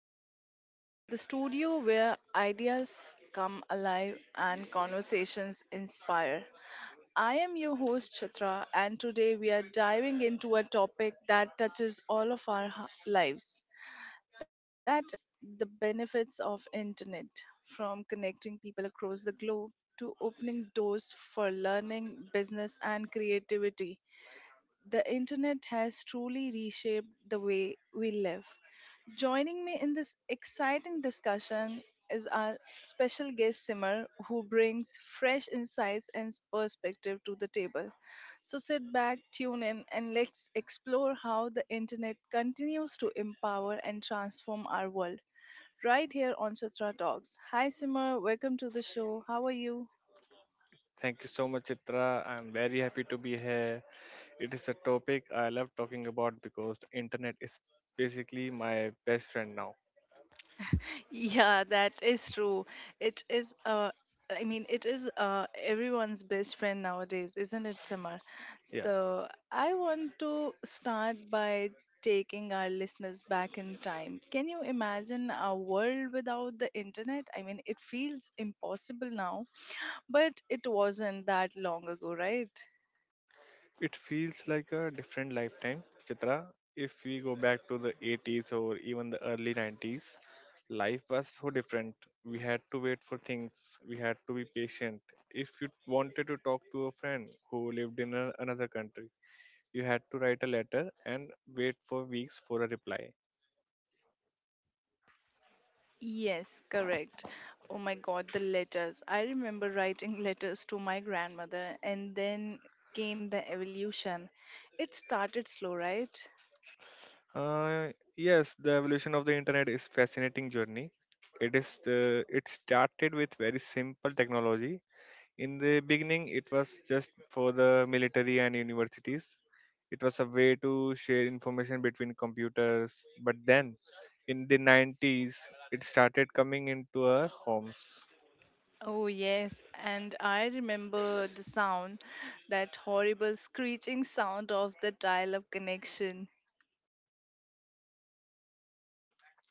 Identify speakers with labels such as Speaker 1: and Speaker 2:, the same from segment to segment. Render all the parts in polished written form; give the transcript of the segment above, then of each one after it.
Speaker 1: Chitra Talks, the studio where ideas come alive and conversations inspire. I am your host Chitra, and today we are diving into a topic that touches all of our lives. That is the benefits of internet, from connecting people across the globe to opening doors for learning, business and creativity. The internet has truly reshaped the way we live. Joining me in this exciting discussion is our special guest Simar, who brings fresh insights and perspective to the table. So sit back, tune in, and let's explore how the internet continues to empower and transform our world right here on Chitra Talks. Hi Simar, welcome to the show. How are you?
Speaker 2: Thank you so much, Chitra. I'm very happy to be here. It is a topic I love talking about because the internet is basically my best friend now.
Speaker 1: Yeah, that is true. It is I mean it is everyone's best friend nowadays, isn't it, Samar?
Speaker 2: Yeah,
Speaker 1: So I want to start by taking our listeners back in time. Can you imagine a world without the internet? I mean it feels impossible now, but it wasn't that long ago, right?
Speaker 2: it feels like a different lifetime, Chitra. If we go back to the 80s or even the early 90s, life was so different. We had to wait for things, we had to be patient. If you wanted to talk to a friend who lived in another country, you had to write a letter and wait for weeks for a reply.
Speaker 1: Yes, correct. Oh my God, the letters. I remember writing letters to my grandmother, and then came the evolution. It started slow, right?
Speaker 2: Uh, yes, the evolution of the internet is fascinating journey. It started with very simple technology. In the beginning, it was just for the military and universities. It was a way to share information between computers. But then, in the 90s, it started coming into our homes.
Speaker 1: Oh, yes. And I remember the sound, that horrible screeching sound of the dial up connection.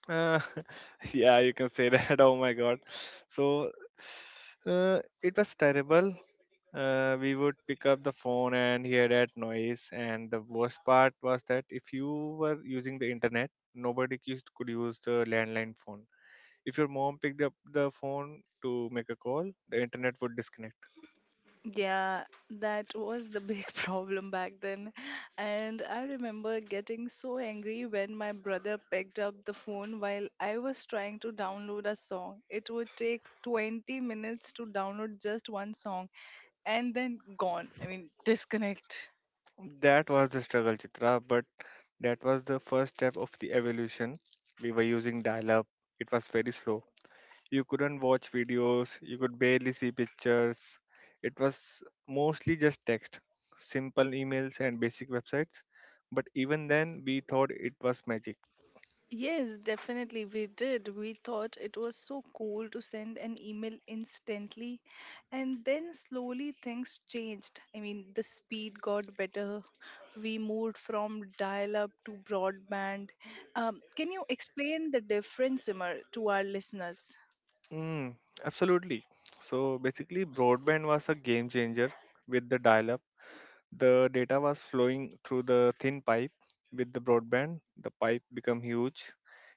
Speaker 2: Uh, yeah, you can say that. Oh my God. So it was terrible. We would pick up the phone and hear that noise. And the worst part was that if you were using the internet, nobody could use the landline phone. If your mom picked up the phone to make a call, the internet would disconnect.
Speaker 1: Yeah, that was the big problem back then. And I remember getting so angry when my brother picked up the phone while I was trying to download a song. It would take 20 minutes to download just one song and then gone. I mean, disconnect.
Speaker 2: That was the struggle, Chitra, but that was the first step of the evolution. We were using dial up, it was very slow. You couldn't watch videos, you could barely see pictures. It was mostly just text, simple emails, and basic websites. But even then, we thought it was magic.
Speaker 1: Yes, definitely we did. We thought it was so cool to send an email instantly. And then slowly things changed. I mean, the speed got better. We moved from dial up to broadband. Can you explain the difference, Simar, to our listeners?
Speaker 2: Mm, Absolutely. So basically, broadband was a game changer with the dial up. The data was flowing through the thin pipe. With the broadband, the pipe became huge.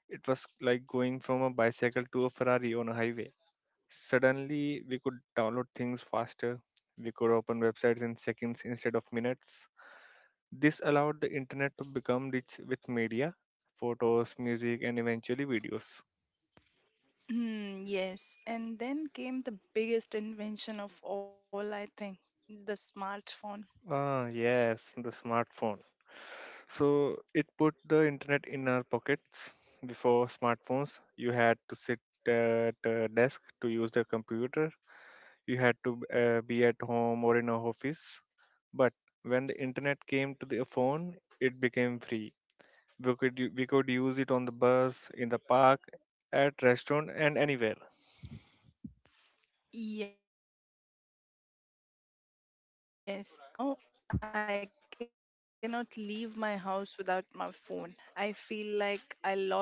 Speaker 2: It was like going from a bicycle to a Ferrari on a highway. Suddenly, we could download things faster. We could open websites in seconds instead of minutes. This allowed the internet to become rich with media, photos, music, and eventually videos.
Speaker 1: Hmm, yes. And then came the biggest invention of all, I think, the smartphone.
Speaker 2: Ah, yes, the smartphone. So it put the internet in our pockets. Before smartphones, you had to sit at a desk to use the computer. You had to be at home or in a office. But when the internet came to the phone, it became free. We could use it on the bus, in the park, at restaurant, and anywhere.
Speaker 1: Yes, it gave us freedom. And now I cannot leave my house without my phone. I feel like I lost a part of myself there.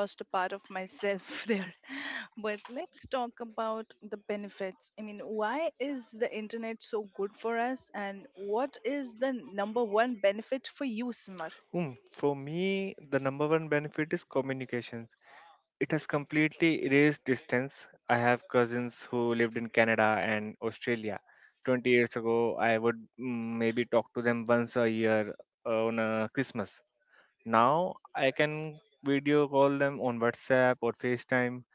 Speaker 1: But let's talk about the benefits. I mean, why is the internet so good for us? And what is the number one benefit for you, Simar?
Speaker 2: Hmm, for me, the number 1 benefit is communications. It has completely erased distance. I have cousins who lived in Canada and Australia. 20 years ago, I would maybe talk to them once a year on Christmas. Now I can video call them on WhatsApp or FaceTime.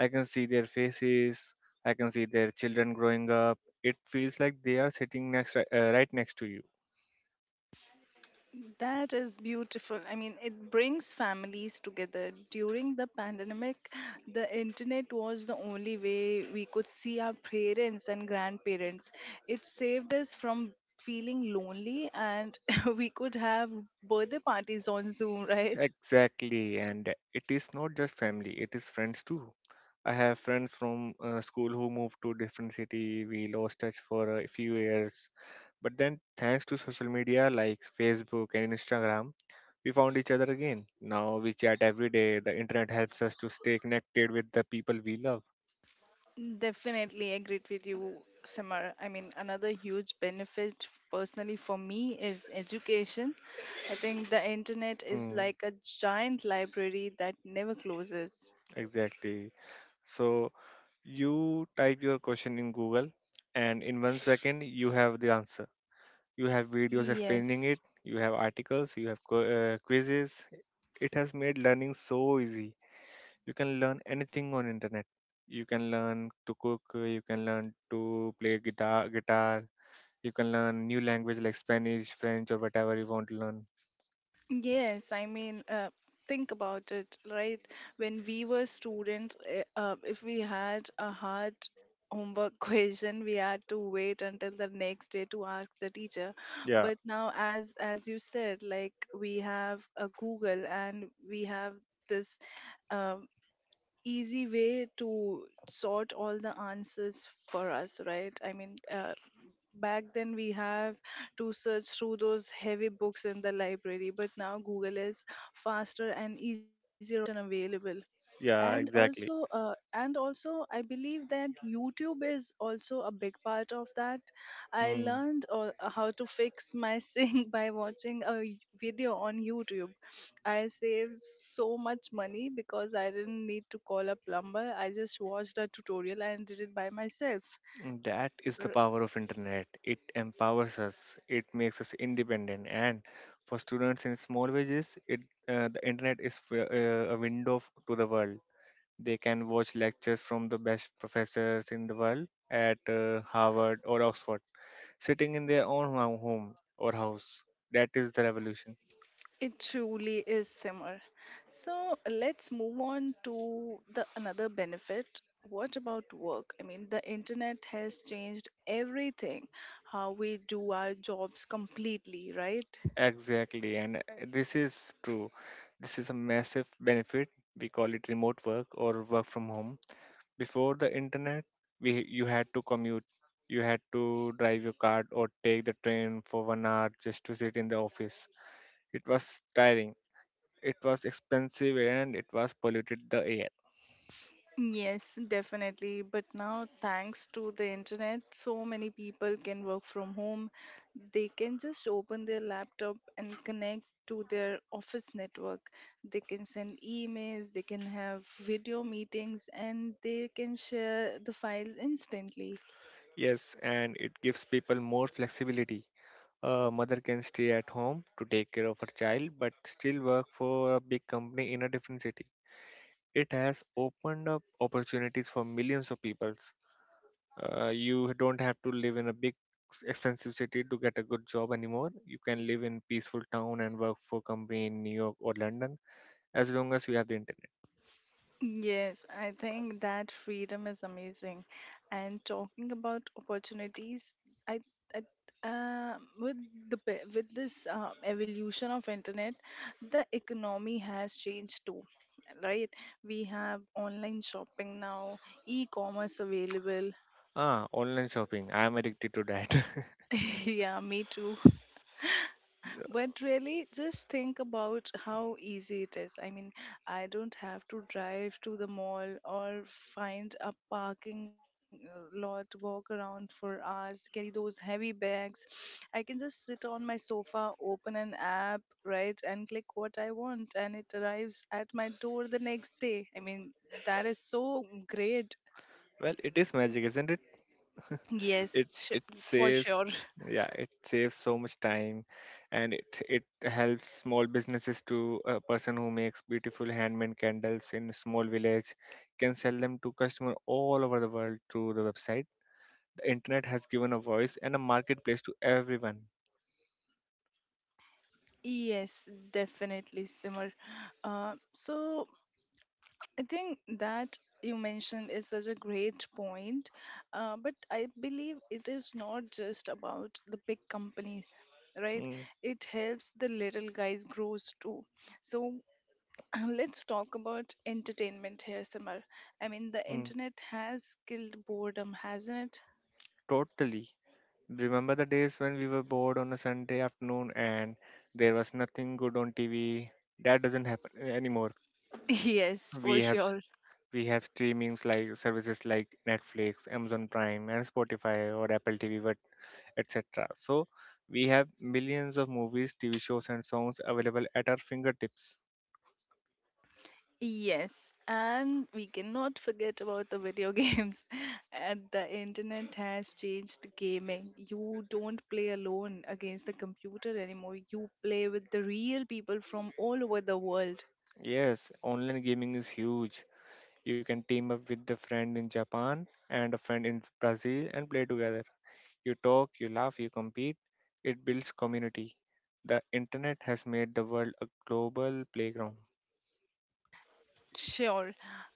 Speaker 2: I can see their faces. I can see their children growing up. It feels like they are sitting right next to you.
Speaker 1: That is beautiful. I mean, it brings families together. During the pandemic, the internet was the only way we could see our parents and grandparents. It saved us from feeling lonely, and we could have birthday parties on Zoom, right?
Speaker 2: Exactly, and it is not just family; it is friends too. I have friends from school who moved to different city. We lost touch for a few years, but then thanks to social media like Facebook and Instagram, we found each other again. Now we chat every day. The internet helps us to stay connected with the people we love.
Speaker 1: Definitely agreed with you, Simar. I mean, another huge benefit personally for me is education. I think the internet is
Speaker 2: Mm,
Speaker 1: like a giant library that never closes.
Speaker 2: exactly. So you type your question in Google, and in 1 second, you have the answer. You have videos explaining
Speaker 1: Yes,
Speaker 2: it, you have articles, you have quizzes. It has made learning so easy. You can learn anything on internet. You can learn to cook, you can learn to play guitar. You can learn new language like Spanish, French, or whatever you want to learn.
Speaker 1: yes. I mean, think about it, right? When we were students, if we had a hard homework question, we had to wait until the next day to ask the teacher.
Speaker 2: Yeah,
Speaker 1: But now, as you said, like we have a Google and we have this um, easy way to sort all the answers for us, right? I mean, back then we have to search through those heavy books in the library, but now google is faster and easier option available. And
Speaker 2: yeah, exactly.
Speaker 1: also and also I believe that youtube is also a big part of that. I
Speaker 2: Hmm.
Speaker 1: learned all, how to fix my sink by watching a video on youtube. I saved so much money because I didn't need to call a plumber. I just watched a tutorial and did it by myself.
Speaker 2: That is the power of internet. It empowers us. It makes us independent. And for students in small villages, it the internet is a window to the world. They can watch lectures from the best professors in the world at Harvard or Oxford, sitting in their own home or house. That is the revolution.
Speaker 1: It truly is similar. So let's move on to the another benefit. What about work? I mean, the internet has changed everything, how we do our jobs completely, right?
Speaker 2: Exactly, and this is true. This is a massive benefit. We call it remote work or work from home. Before the internet, we you had to commute. You had to drive your car or take the train for 1 hour just to sit in the office. It was tiring. It was expensive and it was polluted the air.
Speaker 1: Yes, definitely. But now, thanks to the internet, so many people can work from home. They can just open their laptop and connect to their office network. They can send emails, they can have video meetings, and they can share the files instantly.
Speaker 2: Yes, and it gives people more flexibility. A mother can stay at home to take care of her child but still work for a big company in a different city. It has opened up opportunities for millions of people. You don't have to live in a big expensive city to get a good job anymore. You can live in peaceful town and work for company in New York or London as long as you have the internet.
Speaker 1: Yes, I think that freedom is amazing. And talking about opportunities, I, I uh, with with this evolution of internet, the economy has changed too, right? We have online shopping now, e-commerce available.
Speaker 2: Ah, online shopping, I am addicted to that.
Speaker 1: Yeah, me too. But really, just think about how easy it is. I mean, I don't have to drive to the mall or find a parking lot, walk around for hours, carry those heavy bags. I can just sit on my sofa, open an app, right, and click what I want, and it arrives at my door the next day. I mean, that is so great.
Speaker 2: Well, it is magic, isn't it?
Speaker 1: Yes,
Speaker 2: it it
Speaker 1: for
Speaker 2: saves
Speaker 1: sure.
Speaker 2: Yeah, it saves so much time, and it helps small businesses. To a person who makes beautiful handmade candles in a small village can sell them to customer all over the world through the website. Internet has given a voice and a marketplace to everyone.
Speaker 1: Yes, definitely, Simar. So I think that you mentioned is such a great point, but I believe it is not just about the big companies, right?
Speaker 2: Mm,
Speaker 1: It helps the little guys grows too. So let's talk about entertainment here, Samar. I mean, the
Speaker 2: mm,
Speaker 1: internet has killed boredom, hasn't
Speaker 2: Totally. Remember the days when we were bored on a Sunday afternoon and there was nothing good on TV? That doesn't happen anymore.
Speaker 1: it? Yes,
Speaker 2: We
Speaker 1: for
Speaker 2: have s-
Speaker 1: sure.
Speaker 2: we have streamings like services like Netflix, Amazon Prime, and Spotify or Apple TV, but etc. So we have millions of movies, TV shows, and songs available at our fingertips.
Speaker 1: Yes, and we cannot forget about the video games. And the internet has changed gaming. You don't play alone against the computer anymore. You play with the real people from all over the world.
Speaker 2: Yes, online gaming is huge. You can team up with a friend in Japan and a friend in Brazil and play together. You talk, you laugh, you compete. It builds community. The internet has made the world a global playground.
Speaker 1: Sure.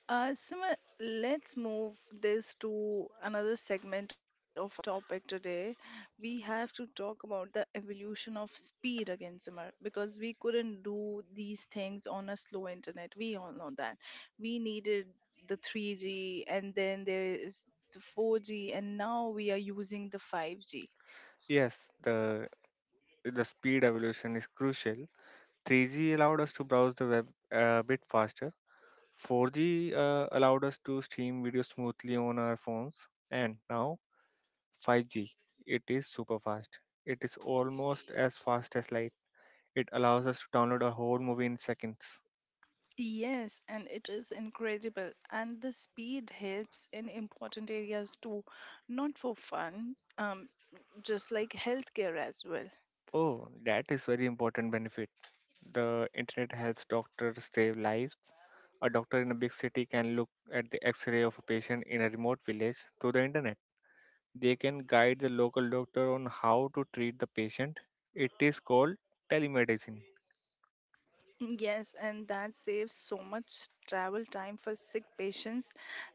Speaker 1: Sima, let's move this to another segment of our topic today. We have to talk about the evolution of speed again, Simar, because we couldn't do these things on a slow internet. We all know that. We needed the 3G, and then there is the 4G, and now we are using the 5G.
Speaker 2: Yes, the the speed evolution is crucial. 3G allowed us to browse the web a bit faster. 4G allowed us to stream video smoothly on our phones, and now 5G. It is super fast. It is almost as fast as light. It allows us to download a whole movie in seconds.
Speaker 1: Yes, and it is incredible. And the speed helps in important areas too, not for fun, just like healthcare as well.
Speaker 2: Oh, that is very important benefit. The internet helps doctors save lives. A doctor in a big city can look at the x-ray of a patient in a remote village through the internet. They can guide the local doctor on how to treat the patient. It is called telemedicine.
Speaker 1: Mm, yes, and that saves so much travel time for sick patients.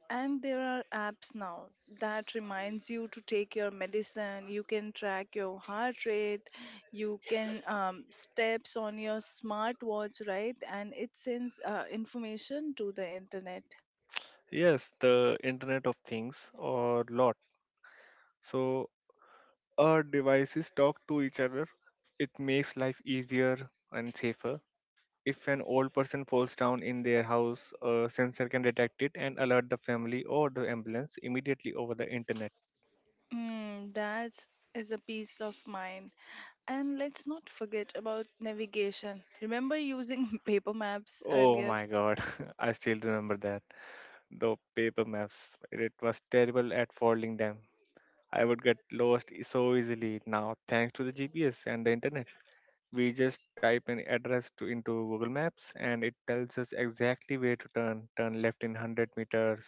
Speaker 1: And there are apps now that reminds you to take your medicine. You can track your heart rate. You can steps on your smartwatch, right? And it sends information to the internet.
Speaker 2: Yes, the Internet of Things or lot. So our devices talk to each other. It makes life easier and safer. If an old person falls down in their house, a sensor can detect it and alert the family or the ambulance immediately over the internet.
Speaker 1: Mm, that is a peace of mind. And let's not forget about navigation. Remember using paper maps
Speaker 2: Oh
Speaker 1: earlier?
Speaker 2: my god, I still remember that. The paper maps, it was terrible at folding them. I would get lost so easily now thanks to the GPS and the internet. We just type an address into Google Maps and it tells us exactly where to turn left in 100 meters.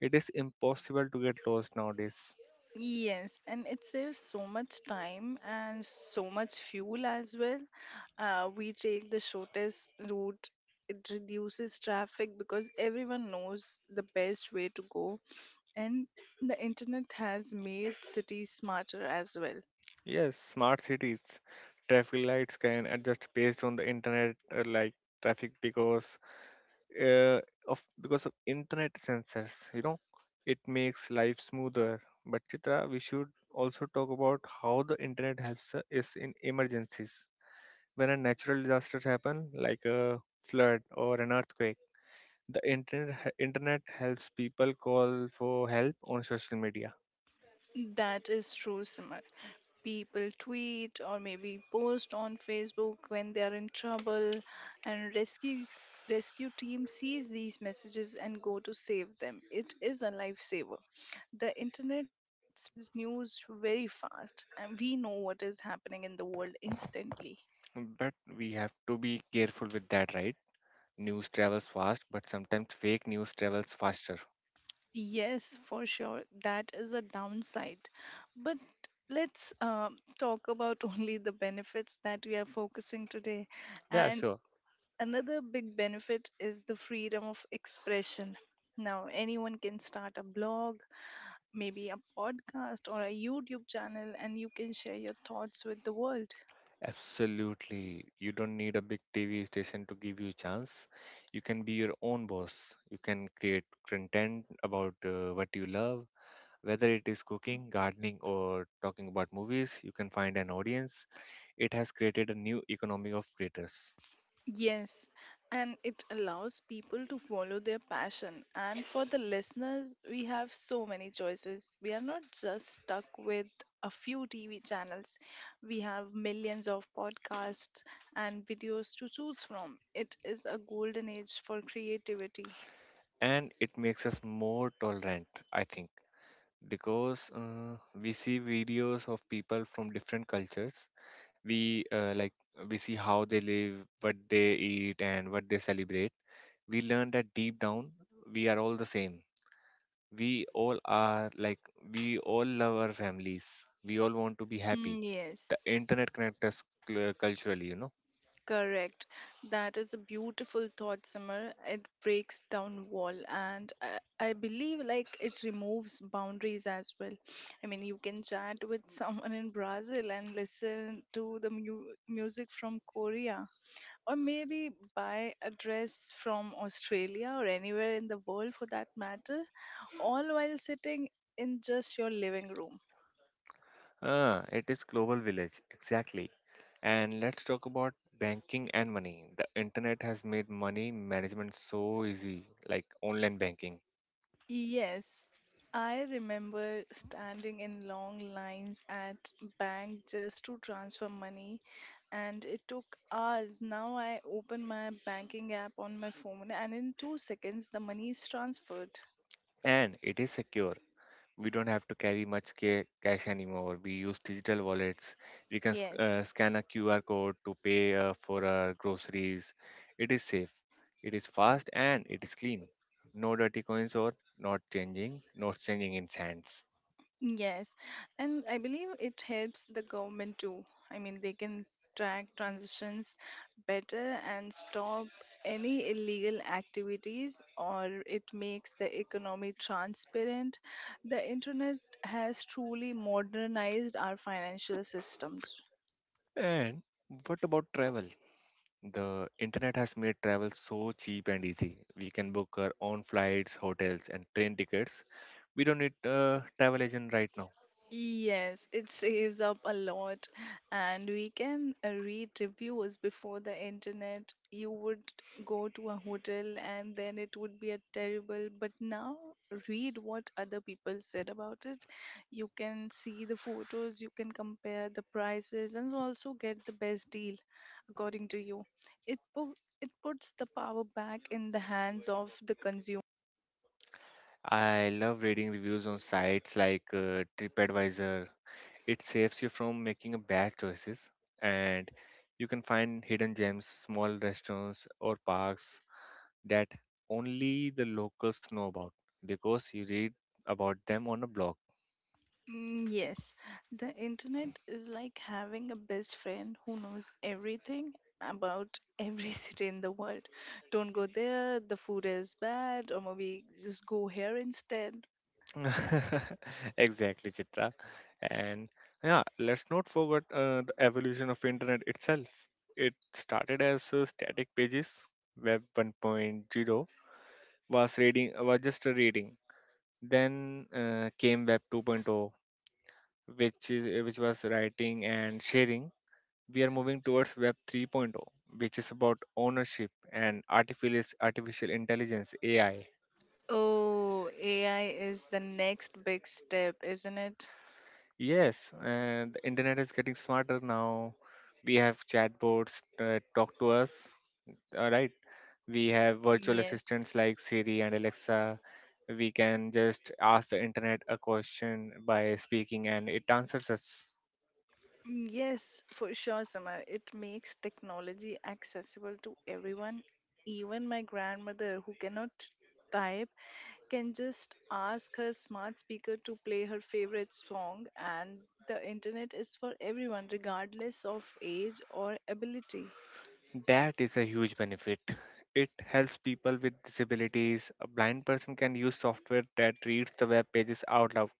Speaker 2: It is impossible to get lost nowadays.
Speaker 1: Yes, and it saves so much time and so much fuel as well. We take the shortest route. It reduces traffic because everyone knows the best way to go, and the internet has made cities smarter as well.
Speaker 2: Yes, smart cities. Traffic lights can adjust based on the internet, like traffic uh, because of internet sensors. You know, it makes life smoother. But Chitra, we should also talk about how the internet helps us in emergencies. When a natural disasters happen, like a flood or an earthquake, the internet helps people call for help on social media.
Speaker 1: That is true, Simar. People tweet or maybe post on Facebook when they are in trouble, and rescue team sees these messages and go to save them. It is a lifesaver. The internet spreads news very fast, and we know what is happening in the world instantly.
Speaker 2: But we have to be careful with that, right? News travels fast, but sometimes fake news travels faster.
Speaker 1: Yes, for sure, that is a downside, but let's talk about only the benefits that we are focusing today.
Speaker 2: Yeah,
Speaker 1: And
Speaker 2: sure.
Speaker 1: another big benefit is the freedom of expression. Now, anyone can start a blog, maybe a podcast or a YouTube channel, and you can share your thoughts with the world.
Speaker 2: Absolutely. You don't need a big TV station to give you a chance. You can be your own boss. You can create content about what you love, whether it is cooking, gardening, or talking about movies. You can find an audience. It has created a new economy of creators.
Speaker 1: Yes, and it allows people to follow their passion. And for the listeners, we have so many choices. We are not just stuck with a few TV channels, we have millions of podcasts and videos to choose from. It is a golden age for creativity.
Speaker 2: And it makes us more tolerant, I think, because we see videos of people from different cultures. we uh, like we see how they live, what they eat and what they celebrate. We learn that deep down we are all the same. we all are like we all love our families, we all want to be happy.
Speaker 1: Mm,
Speaker 2: The
Speaker 1: yes,
Speaker 2: internet connects us culturally, you know.
Speaker 1: correct. That is a beautiful thought, Summer. It breaks down wall, and I believe like it removes boundaries as well. I mean, you can chat with someone in Brazil and listen to the music from Korea, or maybe buy a dress from Australia or anywhere in the world for that matter, all while sitting in just your living room.
Speaker 2: Ah, it is global village exactly. And let's talk about banking and money. The internet has made money management so easy, like online banking.
Speaker 1: Yes, I remember standing in long lines at bank just to transfer money and it took hours. Now I open my banking app on my phone and in 2 seconds the money is transferred.
Speaker 2: And it is secure, we don't have to carry much cash anymore. We use digital wallets. We can
Speaker 1: Yes.
Speaker 2: scan a QR code to pay for our groceries. It is safe, it is fast, and it is clean. No dirty coins or not changing in sands.
Speaker 1: Yes, and I believe it helps the government too. I mean, they can track transitions better and stop any illegal activities, or it makes the economy transparent. The internet has truly modernized our financial systems.
Speaker 2: And what about travel? The internet has made travel so cheap and easy. We can book our own flights, hotels, and train tickets. We don't need a travel agent right now.
Speaker 1: Yes, it saves up a lot, and we can read reviews before the internet. You would go to a hotel and then it would be a terrible, but now read what other people said about it. You can see the photos, you can compare the prices, and also get the best deal according to you. It pu- it puts the power back in the hands of the consumer.
Speaker 2: I love reading reviews on sites like TripAdvisor. It saves you from making a bad choices, and you can find hidden gems, small restaurants or parks that only the locals know about because you read about them on a blog.
Speaker 1: Mm, yes, the internet is like having a best friend who knows everything about every city in the world. Don't go there, the food is bad, or maybe just go here instead.
Speaker 2: Exactly, Chitra. And yeah, let's not forget the evolution of internet itself. It started as static pages. Web 1.0 was just a reading. Then came Web 2.0, which was writing and sharing. We are moving towards Web 3.0, which is about ownership and artificial intelligence, AI.
Speaker 1: Oh, AI is the next big step, isn't it?
Speaker 2: Yes, and the internet is getting smarter now. We have chatbots that talk to us. Uh, right we have virtual
Speaker 1: Yes.
Speaker 2: assistants like Siri and Alexa. We can just ask the internet a question by speaking and it answers us.
Speaker 1: Mm, yes, for sure, Samar. It makes technology accessible to everyone, even my grandmother who cannot type can just ask her smart speaker to play her favorite song, and the internet is for everyone, regardless of age or ability.
Speaker 2: That is a huge benefit. It helps people with disabilities. A blind person can use software that reads the web pages out loud.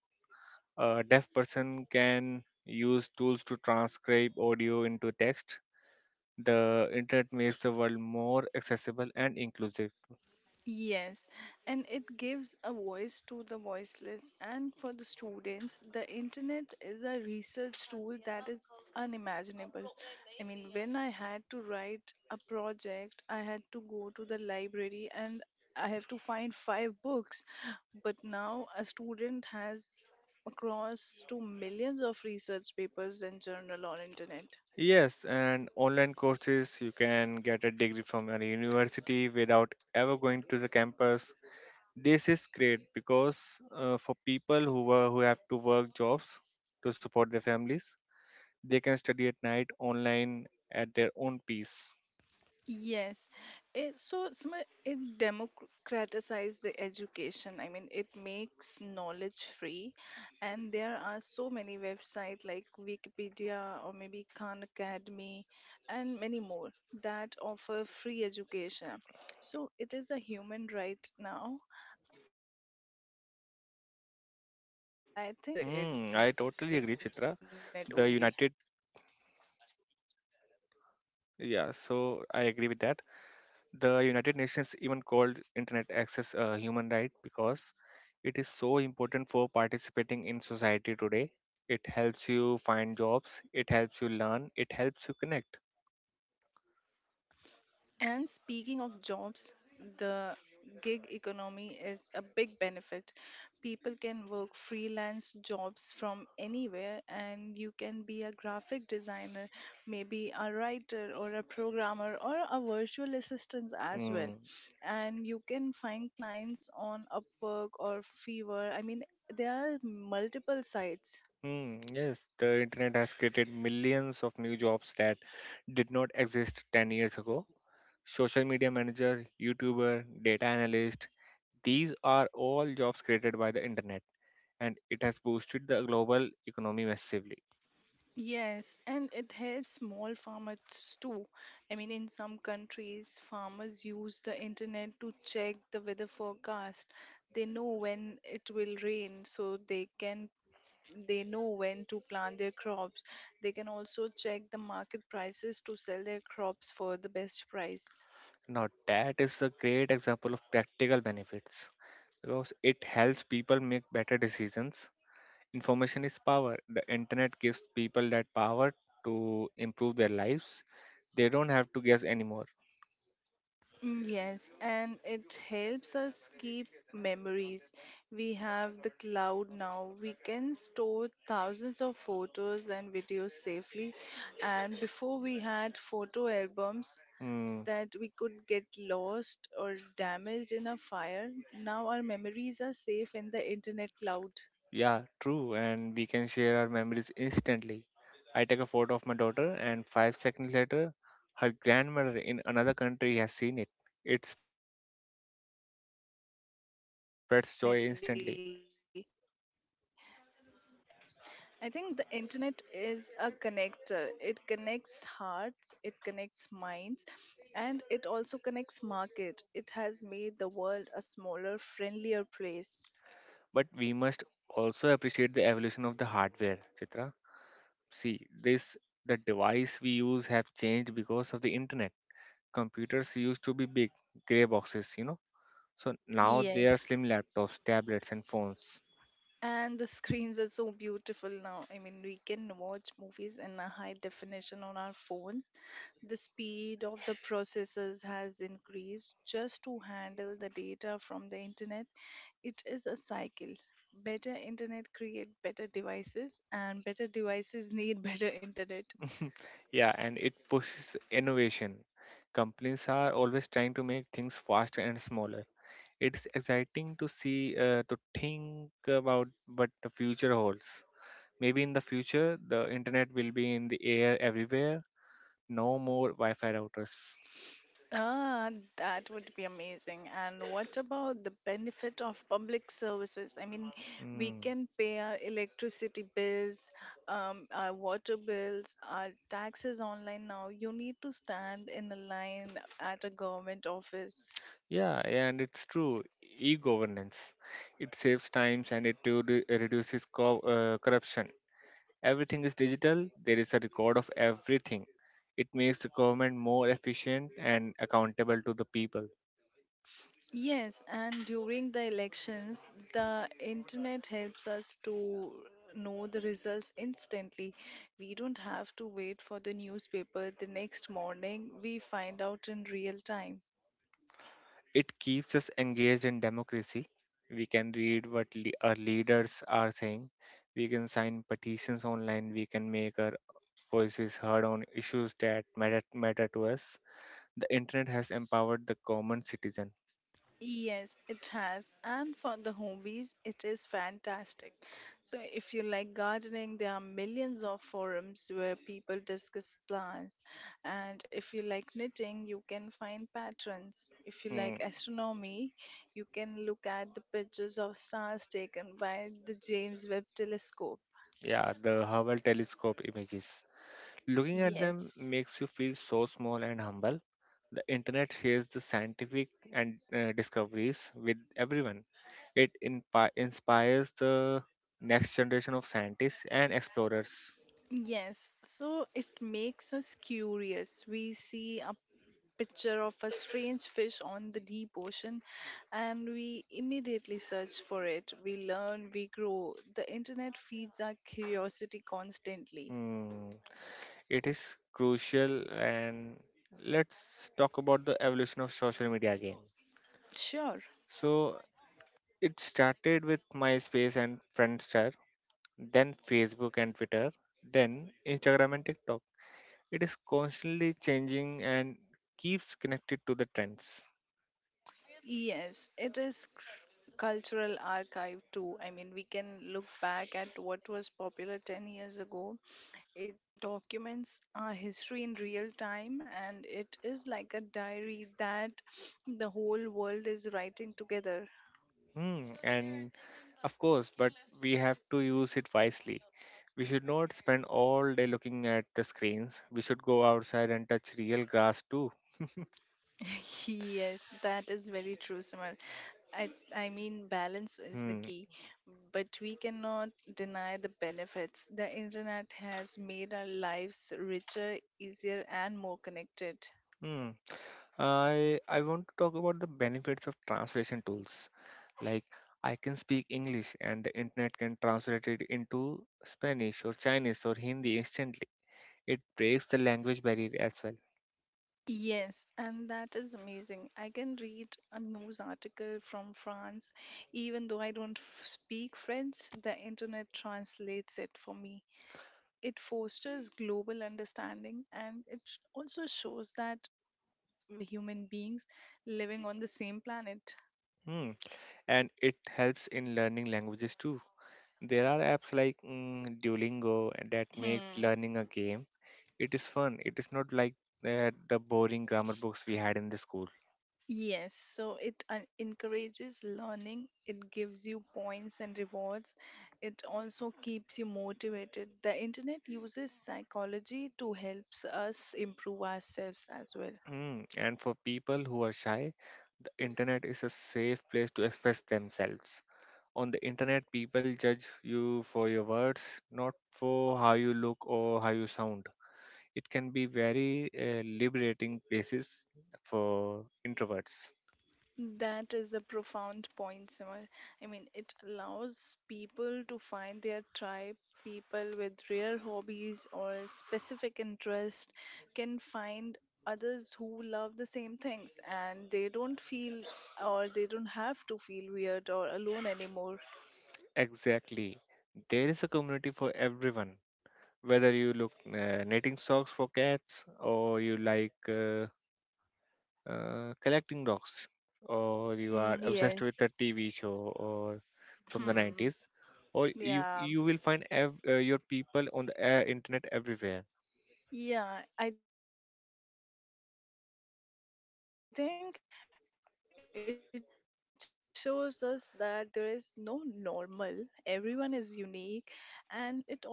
Speaker 2: A deaf person can use tools to transcribe audio into text. The internet makes the world more accessible and inclusive.
Speaker 1: Yes, and it gives a voice to the voiceless. And for the students, the internet is a research tool that is unimaginable. I mean, when I had to write a project, I had to go to the library and I have to find five books. But now a student has across to millions of research papers and journal on internet.
Speaker 2: Yes, and online courses, you can get a degree from a university without ever going to the campus. This is great because for people who have to work jobs to support their families. They can study at night online at their own pace.
Speaker 1: Yes, it democratizes the education. I mean, it makes knowledge free, and there are so many websites like Wikipedia or maybe Khan Academy and many more that offer free education. So it is a human right now, I think,
Speaker 2: Mm,
Speaker 1: to
Speaker 2: I
Speaker 1: have
Speaker 2: totally agree,
Speaker 1: access
Speaker 2: Chitra.
Speaker 1: to the
Speaker 2: The
Speaker 1: internet only.
Speaker 2: United, yeah, so I agree with that. The United Nations even called internet access a human right because it is so important for participating in society today. It helps you find jobs, it helps you learn, it helps you connect.
Speaker 1: And speaking of jobs, the gig economy is a big benefit. People can work freelance jobs from anywhere, and you can be a graphic designer, maybe a writer, or a programmer, or a virtual assistant as well.
Speaker 2: Mm.
Speaker 1: And you can find clients on Upwork or Fiverr. I mean, there are multiple sites.
Speaker 2: Hmm. Yes, the internet has created millions of new jobs that did not exist 10 years ago. Social media manager, YouTuber, data analyst, these are all jobs created by the internet, and it has boosted the global economy massively.
Speaker 1: Yes, and it helps small farmers too. I mean, in some countries, farmers use the internet to check the weather forecast. They know when it will rain, so they know when to plant their crops. They can also check the market prices to sell their crops for the best price.
Speaker 2: Now, that is a great example of practical benefits because it helps people make better decisions. Information is power. The internet gives people that power to improve their lives. They don't have to guess anymore.
Speaker 1: Mm, yes, and it helps us keep memories. We have the cloud now. We can store thousands of photos and videos safely. And before we had photo albums
Speaker 2: Mm,
Speaker 1: that we could get lost or damaged in a fire, now our memories are safe in the internet cloud.
Speaker 2: yeah, true. And we can share our memories instantly. I take a photo of my daughter, and 5 seconds later, her grandmother in another country has seen it. It spreads joy instantly.
Speaker 1: Yes, definitely. I think the internet is a connector. It connects hearts, it connects minds, and it also connects market. It has made the world a smaller, friendlier place.
Speaker 2: But we must also appreciate the evolution of the hardware, Chitra. See, this the device we use have changed because of the internet. Computers used to be big, grey boxes. So now they are
Speaker 1: Yes.
Speaker 2: slim laptops, tablets, and phones.
Speaker 1: And the screens are so beautiful now. I mean, we can watch movies in a high definition on our phones. The speed of the processors has increased just to handle the data from the internet. It is a cycle. Better internet create better devices, and better devices need better internet.
Speaker 2: Yeah, and it pushes innovation. Companies are always trying to make things faster and smaller. It's exciting to see, to think about what the future holds. Maybe in the future, the internet will be in the air everywhere. No more Wi-Fi routers.
Speaker 1: Ah, that would be amazing. And what about the benefit of public services? I mean, we
Speaker 2: Mm.
Speaker 1: can pay our electricity bills, our water bills, our taxes online now. You need to stand in a line at a government office.
Speaker 2: Yeah, and it's true. E-governance. It saves times and it reduces corruption. Everything is digital, there is a record of everything. It makes the government more efficient and accountable to the people.
Speaker 1: Yes, and during the elections, the internet helps us to know the results instantly. We don't have to wait for the newspaper the next morning, we find out in real time.
Speaker 2: It keeps us engaged in democracy. We can read what our leaders are saying. We can sign petitions online. We can make our voices heard on issues that matter to us. The internet has empowered the common citizen.
Speaker 1: Yes, it has. And for the hobbies, it is fantastic. So, if you like gardening, there are millions of forums where people discuss plants. And if you like knitting, you can find patterns. If you
Speaker 2: Hmm,
Speaker 1: like astronomy, you can look at the pictures of stars taken by the James Webb telescope.
Speaker 2: yeah, the Hubble telescope images. Looking at them
Speaker 1: Yes.
Speaker 2: makes you feel so small and humble. The internet shares the scientific and discoveries with everyone. It inspires the next generation of scientists and explorers.
Speaker 1: Yes, so it makes us curious. We see our picture of a strange fish on the deep ocean and we immediately search for it. We learn, we grow. The internet feeds our curiosity constantly.
Speaker 2: Hmm, it is crucial, and let's talk about the evolution of social media again.
Speaker 1: Sure,
Speaker 2: So it started with MySpace and Friendster, then Facebook and Twitter, then Instagram and TikTok. It is constantly changing and keeps connected to the trends.
Speaker 1: yes, it is cultural archive too. I mean, we can look back at what was popular 10 years ago. It documents our history in real time and it is like a diary that the whole world is writing together.
Speaker 2: Hmm, and of course, but we have to use it wisely. We should not spend all day looking at the screens. We should go outside and touch real grass too.
Speaker 1: Yes, that is very true, Samar. I, I mean, balance is the
Speaker 2: Hmm.
Speaker 1: key, but we cannot deny the benefits. The internet has made our lives richer, easier, and more connected.
Speaker 2: Hmm. I want to talk about the benefits of translation tools. Like, I can speak English and the internet can translate it into Spanish or Chinese or Hindi instantly. It breaks the language barrier as well.
Speaker 1: Yes, and that is amazing. I can read a news article from France, even though I don't speak French, the internet translates it for me. It fosters global understanding and it also shows that we all are human beings living on the same planet.
Speaker 2: Hmm. And it helps in learning languages too. There are apps like Duolingo that make
Speaker 1: Hmm.
Speaker 2: learning a game. It is fun. It is not like the boring grammar books we had in the school.
Speaker 1: Yes, so it encourages learning, it gives you points and rewards, it also keeps you motivated. The internet uses psychology to helps us improve ourselves as well.
Speaker 2: Mm, and for people who are shy, the internet is a safe place to express themselves. On the internet, people judge you for your words, not for how you look or how you sound. It can be very liberating places for introverts.
Speaker 1: That is a profound point, Simar. I mean, it allows people to find their tribe. People with rare hobbies or specific interest can find others who love the same things and they don't have to feel weird or alone anymore.
Speaker 2: Exactly. There is a community for everyone, whether you look knitting socks for cats, or you like collecting dogs, or you are
Speaker 1: Mm,
Speaker 2: obsessed with a
Speaker 1: yes.
Speaker 2: TV show or from the
Speaker 1: Hmm.
Speaker 2: 90s, or you
Speaker 1: Yeah.
Speaker 2: you will find your people on the internet everywhere.
Speaker 1: Yeah, I think internet celebrates diversity. It shows us that there is no normal, everyone is unique, and it also promotes acceptance.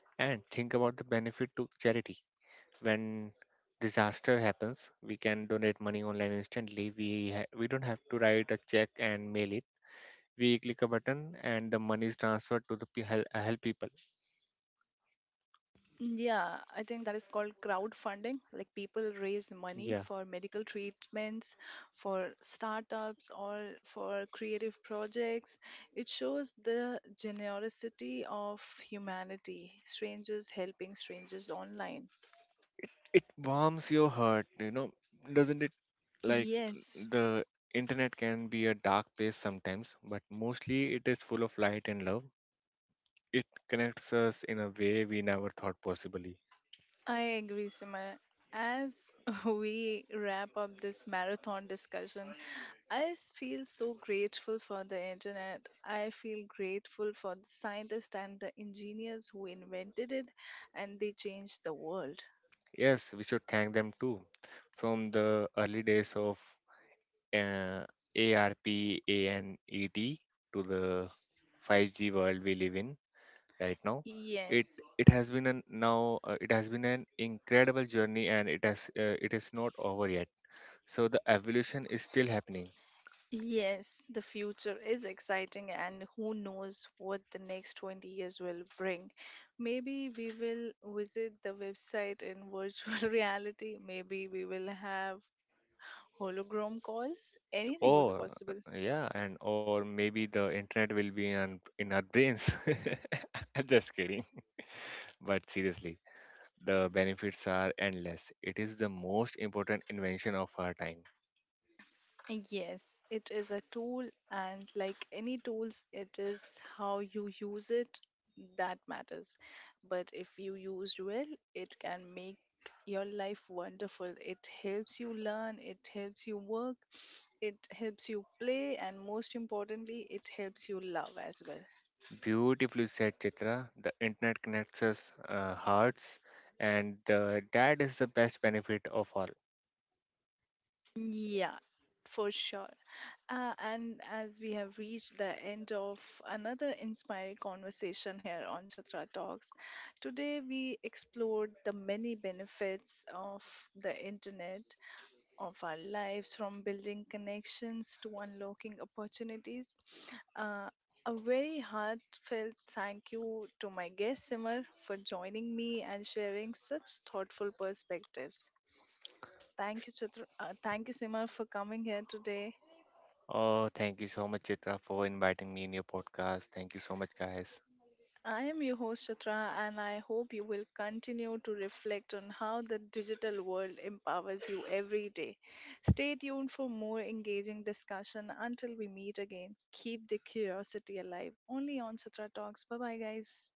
Speaker 2: And think about the benefit to charity. When disaster happens, we can donate money online instantly. We we don't have to write a check and mail it. We click a button and the money is transferred to the help people.
Speaker 1: Mm, yeah, I think that is called crowdfunding. Like people raise money for
Speaker 2: Yeah,
Speaker 1: medical treatments, for startups, or for creative projects. It shows the generosity of humanity, strangers helping strangers online.
Speaker 2: it warms your heart, doesn't it? Like,
Speaker 1: Yes,
Speaker 2: the internet can be a dark place sometimes, but mostly it is full of light and love. It connects us in a way we never thought possibly.
Speaker 1: I agree, Simar. As we wrap up this marathon discussion, feel so grateful for the internet. I feel grateful for the scientists and the engineers who invented it and they changed the world.
Speaker 2: Yes, we should thank them too, from the early days of uh, arpanet to the 5G world we live in right now. it
Speaker 1: Yes.
Speaker 2: it has been an now uh, it has been an incredible journey, and it is not over yet. So the evolution is still happening.
Speaker 1: Yes, the future is exciting, and who knows what the next 20 years will bring. Maybe we will visit the website in virtual reality, maybe we will have hologram calls. Anything would be
Speaker 2: Or
Speaker 1: possible.
Speaker 2: Yeah, and or maybe the internet will be in our brains. I'm just kidding. But seriously, the benefits are endless. It is the most important invention of our time.
Speaker 1: Yes, it is a tool, and like any tools, it is how you use it that matters. But if you used well, it can make your life wonderful. It helps you learn, it helps you work, it helps you play, and most importantly, it helps you love as well.
Speaker 2: Beautifully said, Chitra. The internet connects us hearts, and that is the best benefit of all.
Speaker 1: Yeah, for sure. And as we have reached the end of another inspiring conversation here on Chatra Talks, today we explored the many benefits of the internet, of our lives, from building connections to unlocking opportunities. Uh, a very heartfelt thank you to my guest Simar for joining me and sharing such thoughtful perspectives. Thank you, Chitra. Thank you, Simar, for coming here today.
Speaker 2: Oh, thank you so much, Chitra, for inviting me in your podcast. Thank you so much, guys.
Speaker 1: I am your host, Chitra, and I hope you will continue to reflect on how the digital world empowers you every day. Stay tuned for more engaging discussion until we meet again. Keep the curiosity alive. Only on Chitra Talks. Bye bye, guys.